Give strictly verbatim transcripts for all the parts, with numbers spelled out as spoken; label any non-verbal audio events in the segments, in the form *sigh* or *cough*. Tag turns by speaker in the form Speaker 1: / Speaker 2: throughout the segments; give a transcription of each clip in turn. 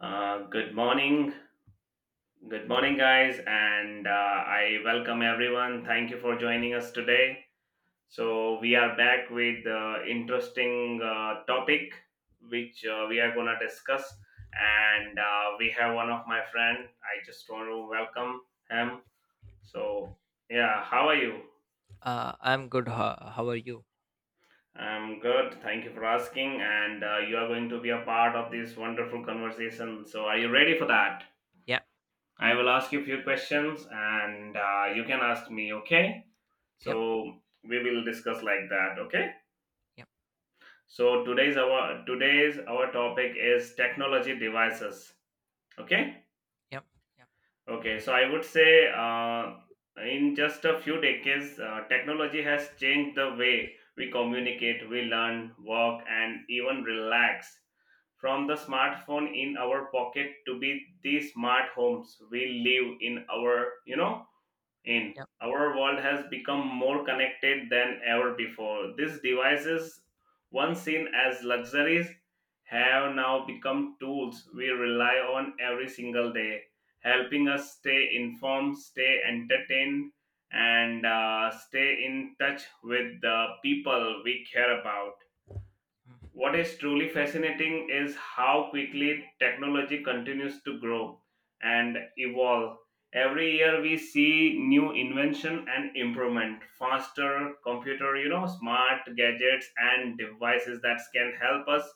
Speaker 1: Uh, good morning. Good morning, guys, and uh, I welcome everyone. Thank you for joining us today. So, we are back with uh, interesting uh, topic which uh, we are going to discuss. And uh, we have one of my friend. I just want to welcome him. So, yeah, how are you?
Speaker 2: Uh, I'm good. How, how are you?
Speaker 1: I'm good. Thank you for asking. And uh, you are going to be a part of this wonderful conversation. So, are you ready for that?
Speaker 2: Yeah,
Speaker 1: I will ask you a few questions and uh, you can ask me, okay?
Speaker 2: yep,
Speaker 1: So we will discuss like that, okay?
Speaker 2: yep,
Speaker 1: So today's our today's our topic is technology devices, okay?
Speaker 2: yep, yep,
Speaker 1: Okay, so I would say uh, in just a few decades, uh, technology has changed the way we communicate, we learn, work, and even relax. From the smartphone in our pocket to be the smart homes we live in our, you know, in.
Speaker 2: yep,
Speaker 1: Our world has become more connected than ever before. These devices, once seen as luxuries, have now become tools we rely on every single day, helping us stay informed, stay entertained, and uh, stay in touch with the people we care about.
Speaker 2: mm,
Speaker 1: What is truly fascinating is how quickly technology continues to grow and evolve. Every year we see new invention and improvement, faster computer, you know, smart gadgets and devices that can help us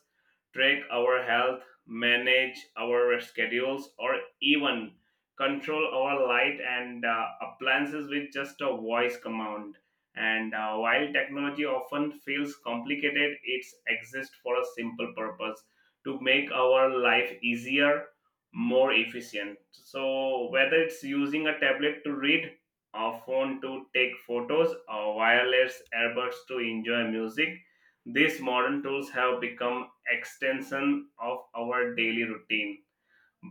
Speaker 1: track our health, manage our schedules or even control our light and uh, appliances with just a voice command and uh, while technology often feels complicated, it exists for a simple purpose to make our life easier, more efficient. So, whether it's using a tablet to read, a phone to take photos, or wireless earbuds to enjoy music, these modern tools have become extension of our daily routine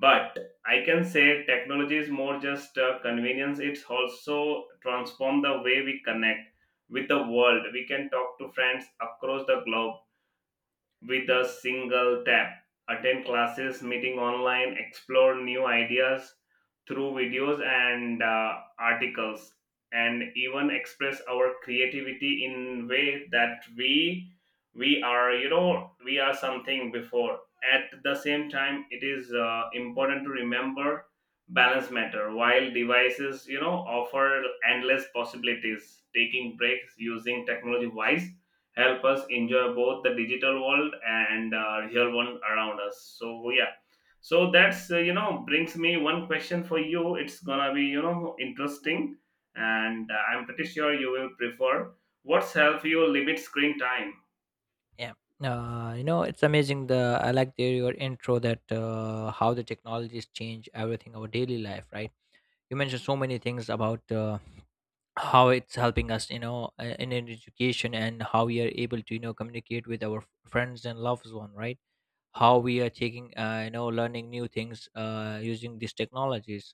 Speaker 1: but I can say technology is more just uh, convenience. It's also transformed the way we connect with the world. We can talk to friends across the globe with a single tap. Attend classes, meeting online, explore new ideas through videos and uh, articles, and even express our creativity in way that we we are you know we are something before. At the same time, it is uh, important to remember balance matter while devices you know offer endless possibilities taking breaks using technology wise help us enjoy both the digital world and uh, real one around us so yeah so that's uh, you know brings me one question for you it's gonna be you know interesting and uh, I'm pretty sure you will prefer what's help you limit screen time.
Speaker 2: yeah. Uh, you know, it's amazing. The I like the, your intro, that uh, how the technologies change everything our daily life, right? You mentioned so many things about uh, how it's helping us, you know, uh, in an education, and how we are able to, you know, communicate with our f- friends and loved one, right? How we are taking, uh, you know, learning new things uh, using these technologies.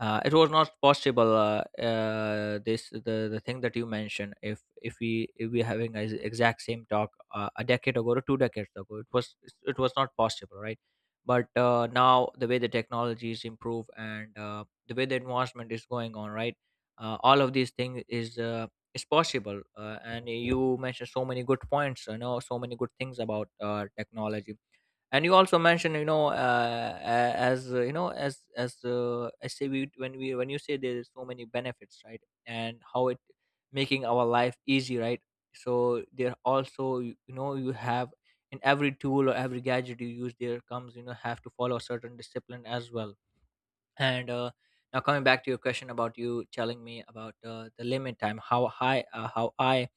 Speaker 2: uh, It was not possible uh, uh, this the, the thing that you mentioned, if if we if we having is exact same talk uh, a decade ago or two decades ago. It was it was not possible, right? But uh, now the way the technology is improved, and uh, the way the advancement is going on, right, uh, all of these things is uh, is possible uh, and you mentioned so many good points, you know so many good things about uh, technology. And you also mentioned, you know uh, a- as uh, you know as as uh, I say, we when we when you say there's so many benefits, right, and how it making our life easy, right. So there also, you you know you have, in every tool or every gadget you use, there comes, you know have to follow a certain discipline as well. And uh, now, coming back to your question about you telling me about uh, the limit time, how high uh, how i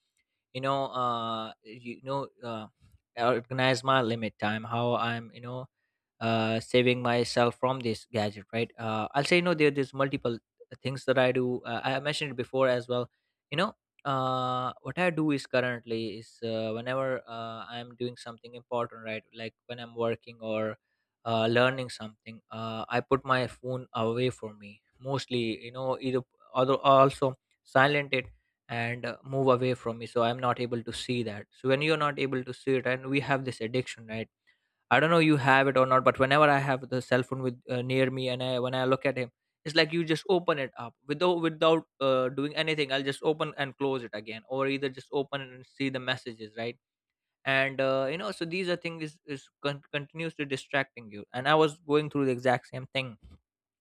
Speaker 2: you know uh, you know uh, organize my limit time, how I'm you know uh, saving myself from this gadget, right? Uh, I'll say, you know, there, there's multiple things that I do. Uh, I mentioned it before as well. You know, uh, what I do is currently is uh, whenever uh, I'm doing something important, right? Like when I'm working or uh, learning something, uh, I put my phone away from me. Mostly, you know, either, although, also silent it, and uh, move away from me, so I'm not able to see that. So when you're not able to see it, and we have this addiction, right, I don't know you have it or not, but whenever I have the cell phone with uh, near me, and I, when I look at him, it's like you just open it up without without uh, doing anything. I'll just open and close it again, or either just open and see the messages, right? And uh, you know, so these are things is, is con- continuously distracting you. And I was going through the exact same thing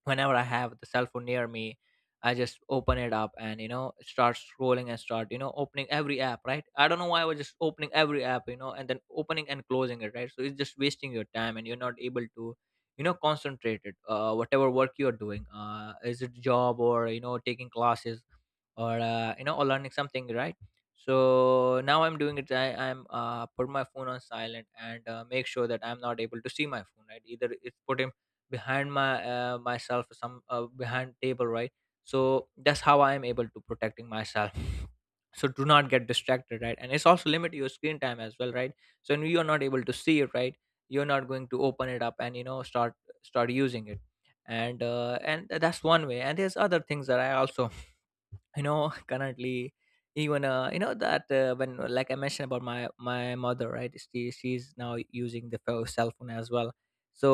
Speaker 2: whenever I have the cell phone near me. I just open it up, and you know start scrolling, and start you know opening every app, right? I don't know why I was just opening every app, you know, and then opening and closing it, right? So it's just wasting your time, and you're not able to you know concentrate it. Uh, whatever work you're doing, uh, is it job or you know taking classes, or uh, you know or learning something, right? So now I'm doing it. I, I'm uh, put my phone on silent, and uh, make sure that I'm not able to see my phone, right, either it's put him behind my uh, myself, or some uh, behind table, right. So that's how I am able to protecting myself *laughs* so do not get distracted, right, and it's also limit your screen time as well, right. So when you're not able to see it, right, you're not going to open it up, and you know start start using it. And uh, and that's one way. And there's other things that I also you know *laughs* currently, even uh, you know that, uh, when, like I mentioned about my my mother, right, she she's now using the pho- cell phone as well. So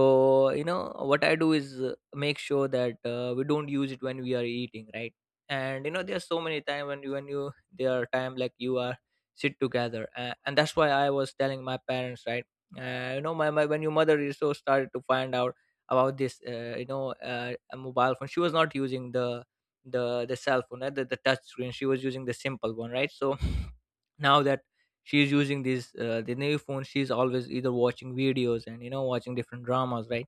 Speaker 2: you know what I do is, uh, make sure that uh, we don't use it when we are eating, right? And you know there's so many time, when you, when you there are time like you are sit together, uh, and that's why I was telling my parents, right. Uh, you know my, my when your mother is so started to find out about this, uh, you know uh, a mobile phone. She was not using the, the the cell phone, right? the, the touch screen, she was using the simple one, right. So *laughs* now that she's using these uh, the new phone, she's always either watching videos and you know watching different dramas, right,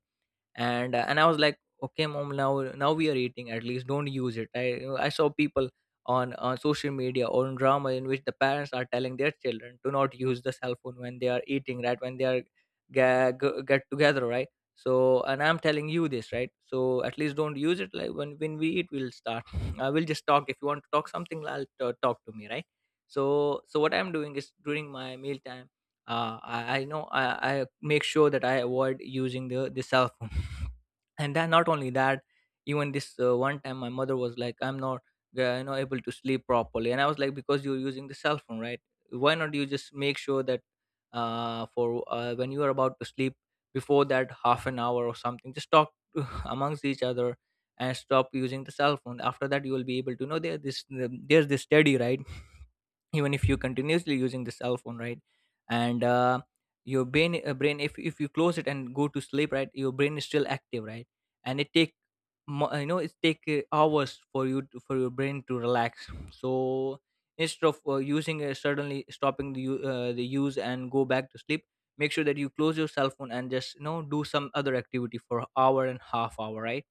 Speaker 2: and uh, and I was like, okay mom, now now we are eating, at least don't use it. I i saw people on on social media or on drama, in which the parents are telling their children to not use the cell phone when they are eating, right, when they are get, get together, right. So and I'm telling you this, right? So at least don't use it. Like, when when we eat, we'll start *laughs* I will just talk. If you want to talk something, I'll t- talk to me, right? So so what I'm doing is, during my meal time, uh, I, I know I, I make sure that I avoid using the, the cell phone. *laughs* And then, not only that, even this, uh, one time my mother was like, "I'm not, uh, you know, able to sleep properly," and I was like, "Because you're using the cell phone, right? Why not you just make sure that, uh, for uh, when you are about to sleep, before that half an hour or something, just talk *laughs* amongst each other." And stop using the cell phone after that. You will be able to know, there this there's this study, right? Even if you continuously using the cell phone, right, and uh, your brain uh, brain, if, if you close it and go to sleep, right, your brain is still active, right, and it take mo- uh, you know it take uh, hours for you to, for your brain to relax. So instead of uh, using, uh, suddenly stopping the, u- uh, the use and go back to sleep, make sure that you close your cell phone and just you know do some other activity for hour and half hour, right?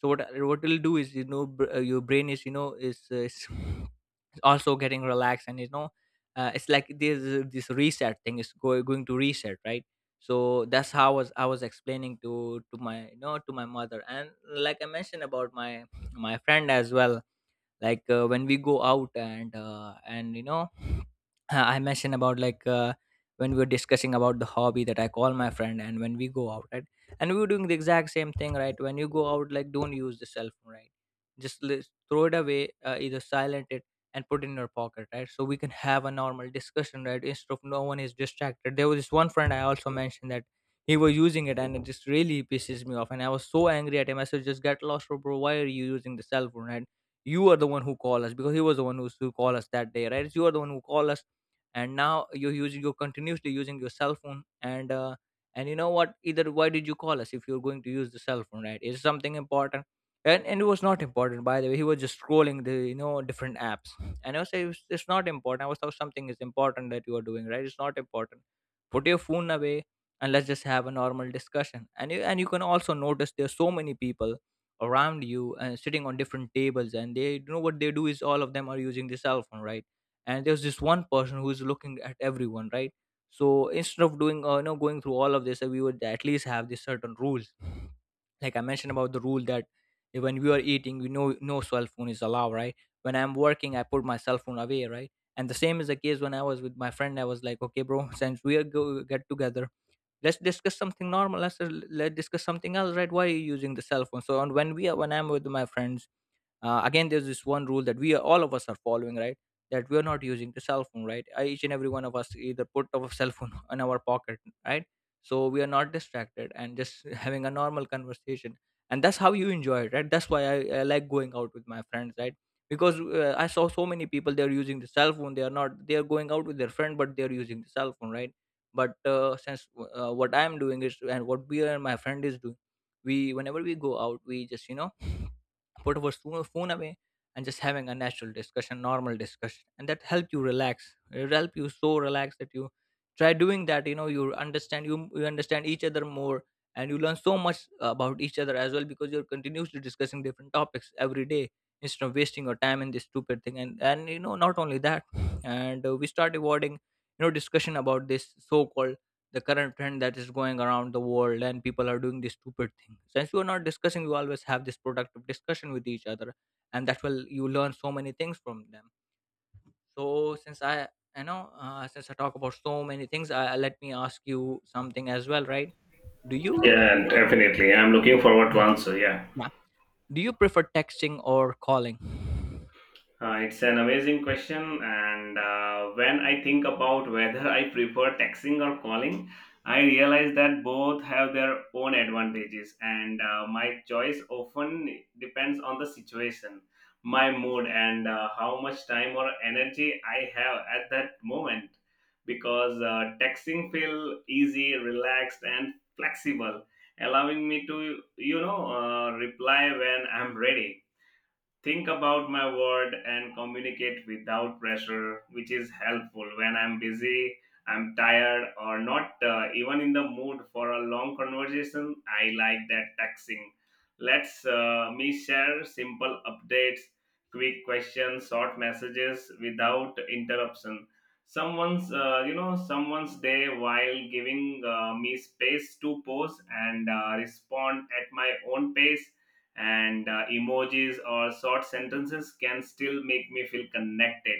Speaker 2: So what what it'll do is, you know br- uh, your brain is, you know is uh, is also getting relaxed, and you know uh, it's like this this reset thing is, go, going to reset, right? So that's how I was I was explaining to to my you know to my mother, and like I mentioned about my my friend as well. Like, uh, when we go out, and uh, and you know *sighs* *clears throat* I mentioned about, like, uh, when we were discussing about the hobby, that I call my friend and when we go out, right, and we were doing the exact same thing, right. When you go out, like, don't use the cell phone, right. Just li- throw it away, uh, either silent it and put it in your pocket, right? So we can have a normal discussion, right, instead of no one is distracted. There was this one friend I also mentioned, that he was using it, and it just really pisses me off, and I was so angry at him. I said, just get lost, bro, why are you using the cell phone, right? You are the one who call us, because he was the one who who call us that day, right? You are the one who call us, and now you're using you're continuously using your cell phone, and uh, and you know what, either why did you call us if you're going to use the cell phone, right? Is something important? And, and it was not important, by the way. He was just scrolling the, you know different apps. And I was saying, it's, it's not important. I was thought something is important that you are doing, right? It's not important. Put your phone away, and let's just have a normal discussion. And you and you can also notice there's so many people around you, and sitting on different tables, and they, you know what they do is, all of them are using the cell phone, right. And there's this one person who's looking at everyone, right. So instead of doing, uh, you know going through all of this, uh, we would at least have these certain rules, like I mentioned about the rule that when we are eating, we know no cell phone is allowed, right? When I'm working, I put my cell phone away, right? And the same is the case when I was with my friend. I was like, okay, bro, *laughs* since we are go- get together, let's discuss something normal let's, let's discuss something else. Right, why are you using the cell phone? So on when we are When I'm with my friends, uh, again, there's this one rule that we are, all of us are following, right? That we're not using the cell phone, right? Uh, each and every one of us either put our cell phone *laughs* in our pocket, right? So we are not distracted and just *laughs* having a normal conversation. And that's how you enjoy it, right? That's why i, I like going out with my friends, right? Because uh, I saw so many people, they're using the cell phone. They are not They are going out with their friend, but they're using the cell phone, right? But uh, since uh, what I'm doing, is and what we and my friend is doing, we, whenever we go out, we just, you know, put our swo- phone away and just having a natural discussion, normal discussion. And that help you relax. It help you so relax that you, try doing that, you know, you understand, you, you understand each other more, and you learn so much about each other as well, because you're continuously discussing different topics every day instead of wasting your time in this stupid thing. And and you know, not only that. And uh, We start avoiding, you know, discussion about this so-called the current trend that is going around the world and people are doing this stupid thing. Since you are not discussing, you always have this productive discussion with each other, and that will, you learn so many things from them. So since i i know, uh, since I talk about so many things, I, let me ask you something as well, right? Do you,
Speaker 1: Yeah, definitely, I'm looking forward to
Speaker 2: yeah,
Speaker 1: answer. Yeah.
Speaker 2: yeah. Do you prefer texting or calling?
Speaker 1: Uh, it's an amazing question, and uh, when I think about *laughs* whether I prefer texting or calling, I realize that both have their own advantages, and uh, my choice often depends on the situation, my mood, and uh, how much time or energy I have at that moment. Because uh, texting feel easy, relaxed, and flexible, allowing me to you know uh, reply when I'm ready think about my word and communicate without pressure, which is helpful when I'm busy, I'm tired, or not uh, even in the mood for a long conversation. I like that texting. Let's uh, me share simple updates, quick questions, short messages without interruption. Someone's, uh, you know, someone's day while giving uh, me space to pause and uh, respond at my own pace and uh, emojis or short sentences can still make me feel connected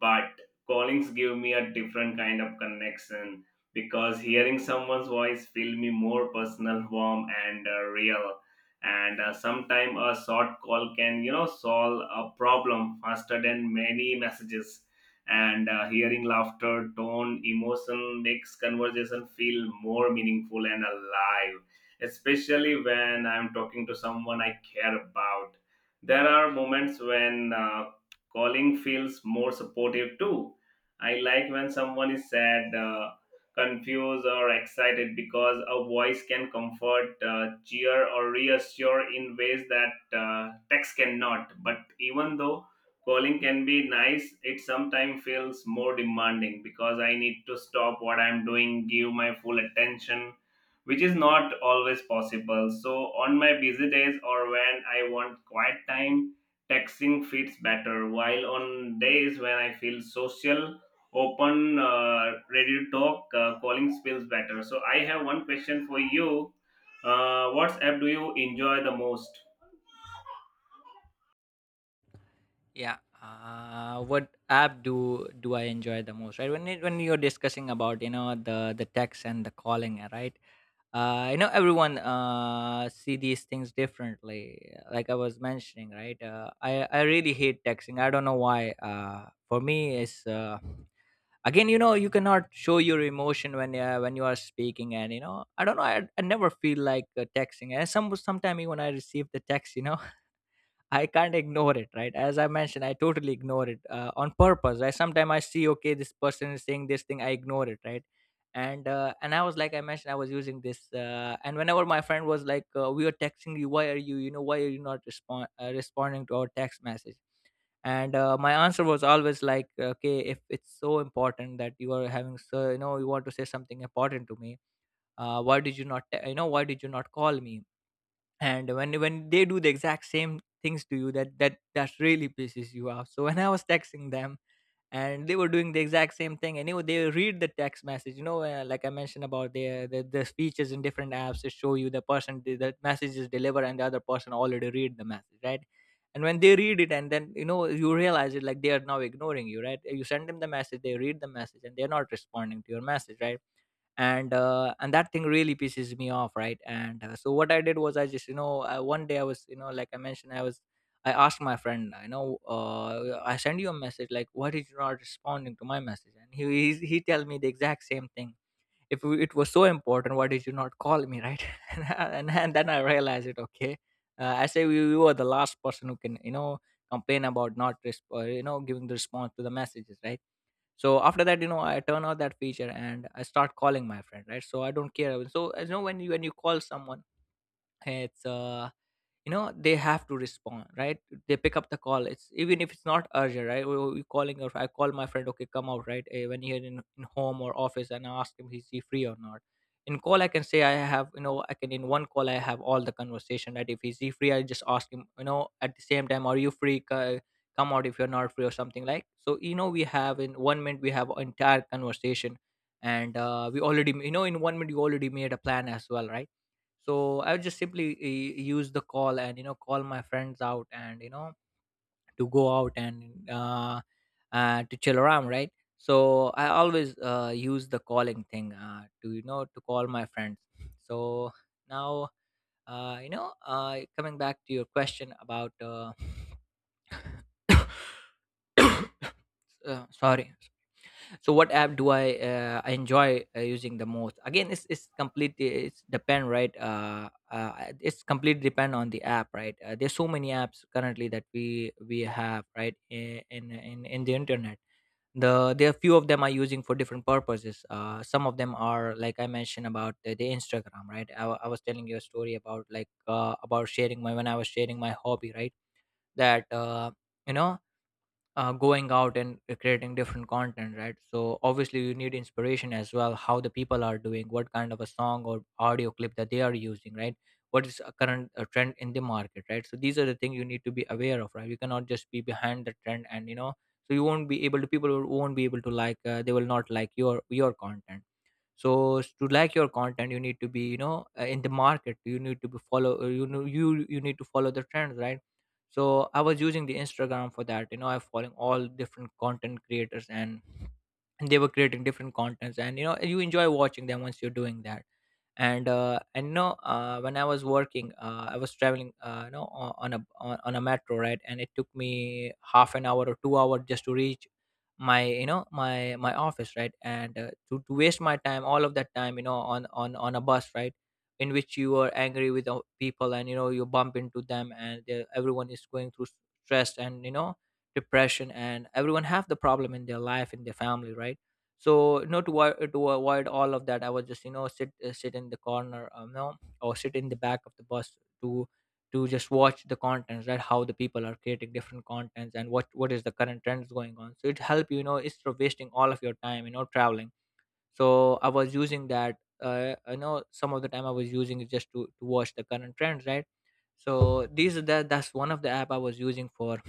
Speaker 1: but callings give me a different kind of connection because hearing someone's voice feel me more personal warm and uh, real and uh, sometime a short call can you know solve a problem faster than many messages and uh, hearing laughter tone emotion makes conversation feel more meaningful and alive especially when I'm talking to someone I care about. There are moments when uh, calling feels more supportive too. I like when someone is sad, uh, confused, or excited because a voice can comfort, uh, cheer, or reassure in ways that uh, text cannot. But even though calling can be nice, it sometimes feels more demanding because I need to stop what I'm doing, give my full attention which is not always possible. So, on my busy days or when I want quiet time, texting fits better. While on days when I feel social, open, uh, ready to talk, uh, calling feels better. So, I have one question for you. Uh, what app do you enjoy the most?
Speaker 2: Yeah, uh, what app do do I enjoy the most, right? When it, when you're discussing about, you know, the the text and the calling, uh, right uh, I know everyone, uh, see these things differently. Like I was mentioning, right? Uh, I I really hate texting. I don't know why. Uh, for me, it's uh, again, you know, you cannot show your emotion when uh, when you are speaking. And you know, I don't know. I, I never feel like uh, texting. And some sometimes when I receive the text, you know, I can't ignore it, right? As I mentioned, I totally ignore it uh, on purpose. Right? Sometimes I see, okay, this person is saying this thing, I ignore it, right? And uh, and I was, like I mentioned, I was using this, uh, and whenever my friend was like, uh, we are texting you, why are you, you know, why are you not respond uh, responding to our text message? And uh, My answer was always like, okay, if it's so important that you are having, so you know, you want to say something important to me, uh, why did you not te- you know, why did you not call me? And when when they do the exact same things to you, that that that really pisses you off. So when I was texting them and they were doing the exact same thing, and you know, they read the text message, you know, uh, like I mentioned about the, the the features in different apps to show you the person, the the message is delivered, and the other person already read the message, right? And when they read it, and then you know, you realize it like they are now ignoring you, right? You send them the message, they read the message, and they're not responding to your message, right? And uh, and that thing really pisses me off, right? and uh, So what I did was, I just, you know, uh, one day I was, you know, like I mentioned, I was, I asked my friend, you know, uh, I send you a message, like why did you not responding to my message? And he he, he tell me the exact same thing. If it was so important, why did you not call me, right? *laughs* and, and, and then I realized it, okay, uh, I say, you, you are the last person who can, you know, complain about not resp- uh, you know, giving the response to the messages, right? So after that, you know, I turn off that feature and I start calling my friend, right? So I don't care. So as you know, when you, when you call someone, hey, it's uh you know, they have to respond, right? They pick up the call. It's, even if it's not urgent, right? We calling, or I call my friend, okay, come out, right? Eh, when you're in, in home or office, and I ask him, is he free or not? In call, I can say, I have, you know, I can, in one call, I have all the conversation, right? if he's He free, I just ask him, you know, at the same time, are you free? C- come out. If you're not free or something like, so you know, we have in one minute, we have entire conversation. And uh, We already, you know, in one minute, you already made a plan as well, right? So I would just simply uh, use the call and you know, call my friends out and you know, to go out and uh, uh to chill around, right? So I always uh, use the calling thing uh, to, you know, to call my friends. So now, uh, you know uh, coming back to your question about uh, *coughs* uh, sorry. So what app do I uh, I enjoy uh, using the most? Again, it's it's completely it's depend, right. Uh, uh, it's completely depend on the app, right. Uh, there's so many apps currently that we we have, right, i- in in in the internet. The there are few of them are using for different purposes. Uh, some of them are like I mentioned about the, the Instagram, right. I, wa- I was telling you a story about like uh, about sharing my, when I was sharing my hobby, right, that. Uh, you know, uh, going out and uh, creating different content, right? So obviously you need inspiration as well, how the people are doing, what kind of a song or audio clip that they are using, right? What is a current uh trend in the market, right? So these are the things you need to be aware of, right? You cannot just be behind the trend, and you know, so you won't be able to, people won't be able to like, uh, they will not like your your content. So s- to like your content, you need to be, you know, uh, in the market, you need to be follow, uh, you know, you you need to follow the trends, right? So I was using the Instagram for that, you know, I following all different content creators, and they were creating different contents, and you know, you enjoy watching them once you're doing that. And uh and no, uh when I was working, uh I was traveling, uh you know, o- on a, on, on a metro, right, and it took me half an hour or two hour just to reach my, you know, my my office, right. And uh, to, to waste my time, all of that time, you know, on on on a bus, right, in which you are angry with o- people, and you know, you bump into them, and they- everyone is going through s- stress, and you know, depression, and everyone have the problem in their life, in their family, right? So you know, to, avo- to avoid all of that, I was just, you know, sit uh, sit in the corner, um, you know, or sit in the back of the bus to to just watch the contents, right, how the people are creating different contents, and what what is the current trends going on. So it help you, you know, instead of wasting all of your time, you know, traveling. So I was using that, uh, I know some of the time I was using it just to to watch the current trends, right? So these are the, that's one of the app I was using for,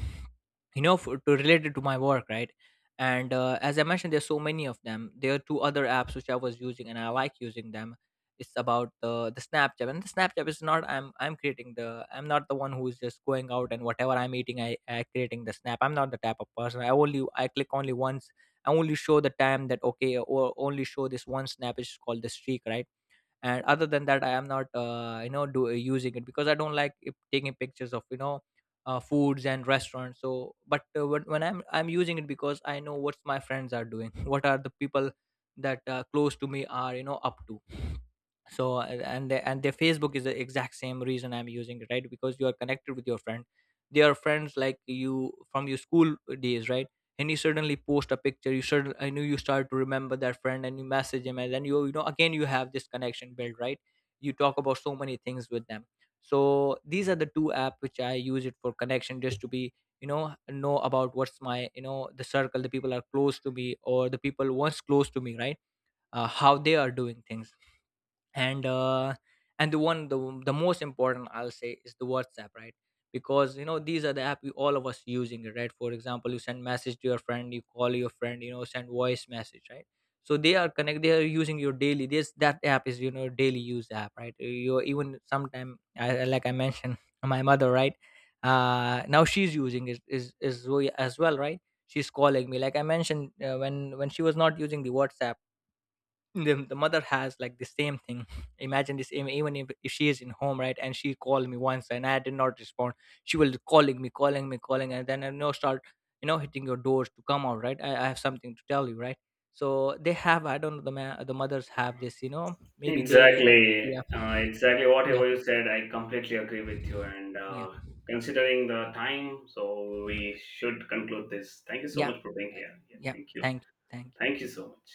Speaker 2: you know, for, to related to my work, right? And uh, as I mentioned, there's so many of them. There are two other apps which I was using and I like using them. It's about the the Snapchat. And the Snapchat is not, i'm i'm creating the I'm not the one who's just going out, and whatever I'm eating, i I creating the snap. I'm not the type of person. i only I click only once. I only show the time that, okay, or only show this one snap, which is called the streak, right? And other than that, I am not, uh, you know do, uh, using it because I don't like it, taking pictures of, you know, uh, foods and restaurants. So but uh, when, when i'm i'm using it because I know what my friends are doing, *laughs* what are the people that uh, close to me are, you know, up to. So a- and the, and their Facebook is the exact same reason I'm using it, right, because you are connected with your friend. They are friends like you, from your school days, right? And you suddenly post a picture, you suddenly, I know, you start to remember that friend, and you message him, and then you you know, again you have this connection built, right? You talk about so many things with them. So these are the two apps which I use it for connection, just to be, you know know about what's my, you know, the circle, the people are close to me, or the people once close to me, right? uh, how they are doing things. And uh, and the one, the the most important, I'll say, is the WhatsApp, right? Because you know, these are the app we, all of us using, it, right? For example, you send message to your friend, you call your friend, you know, send voice message, right? So they are connect, they are using your daily. This, that app is, you know, daily use app, right? You even sometime I, like I mentioned, *laughs* my mother, right? Uh, now she's using it, is is as well, right? She's calling me, like I mentioned, uh, when when she was not using the WhatsApp, the, the mother has like the same thing. *laughs* Imagine this, even even if, if she is in home, right, and she called me once and I did not respond, she will calling me calling me calling and then I know, start, you know, hitting your doors to come out, right? i, I have something to tell you, right? So they have, I don't know, the ma- the mothers have this, you know, maybe they, yeah,
Speaker 1: Exactly, uh, exactly.
Speaker 2: yeah,
Speaker 1: Whatever you said, I completely agree with you. And
Speaker 2: yeah,
Speaker 1: uh, considering the time, so we should conclude this. Thank you so
Speaker 2: yeah,
Speaker 1: much for being here. Yeah,
Speaker 2: yeah,
Speaker 1: thank you.
Speaker 2: thank, thank
Speaker 1: Thank you so much.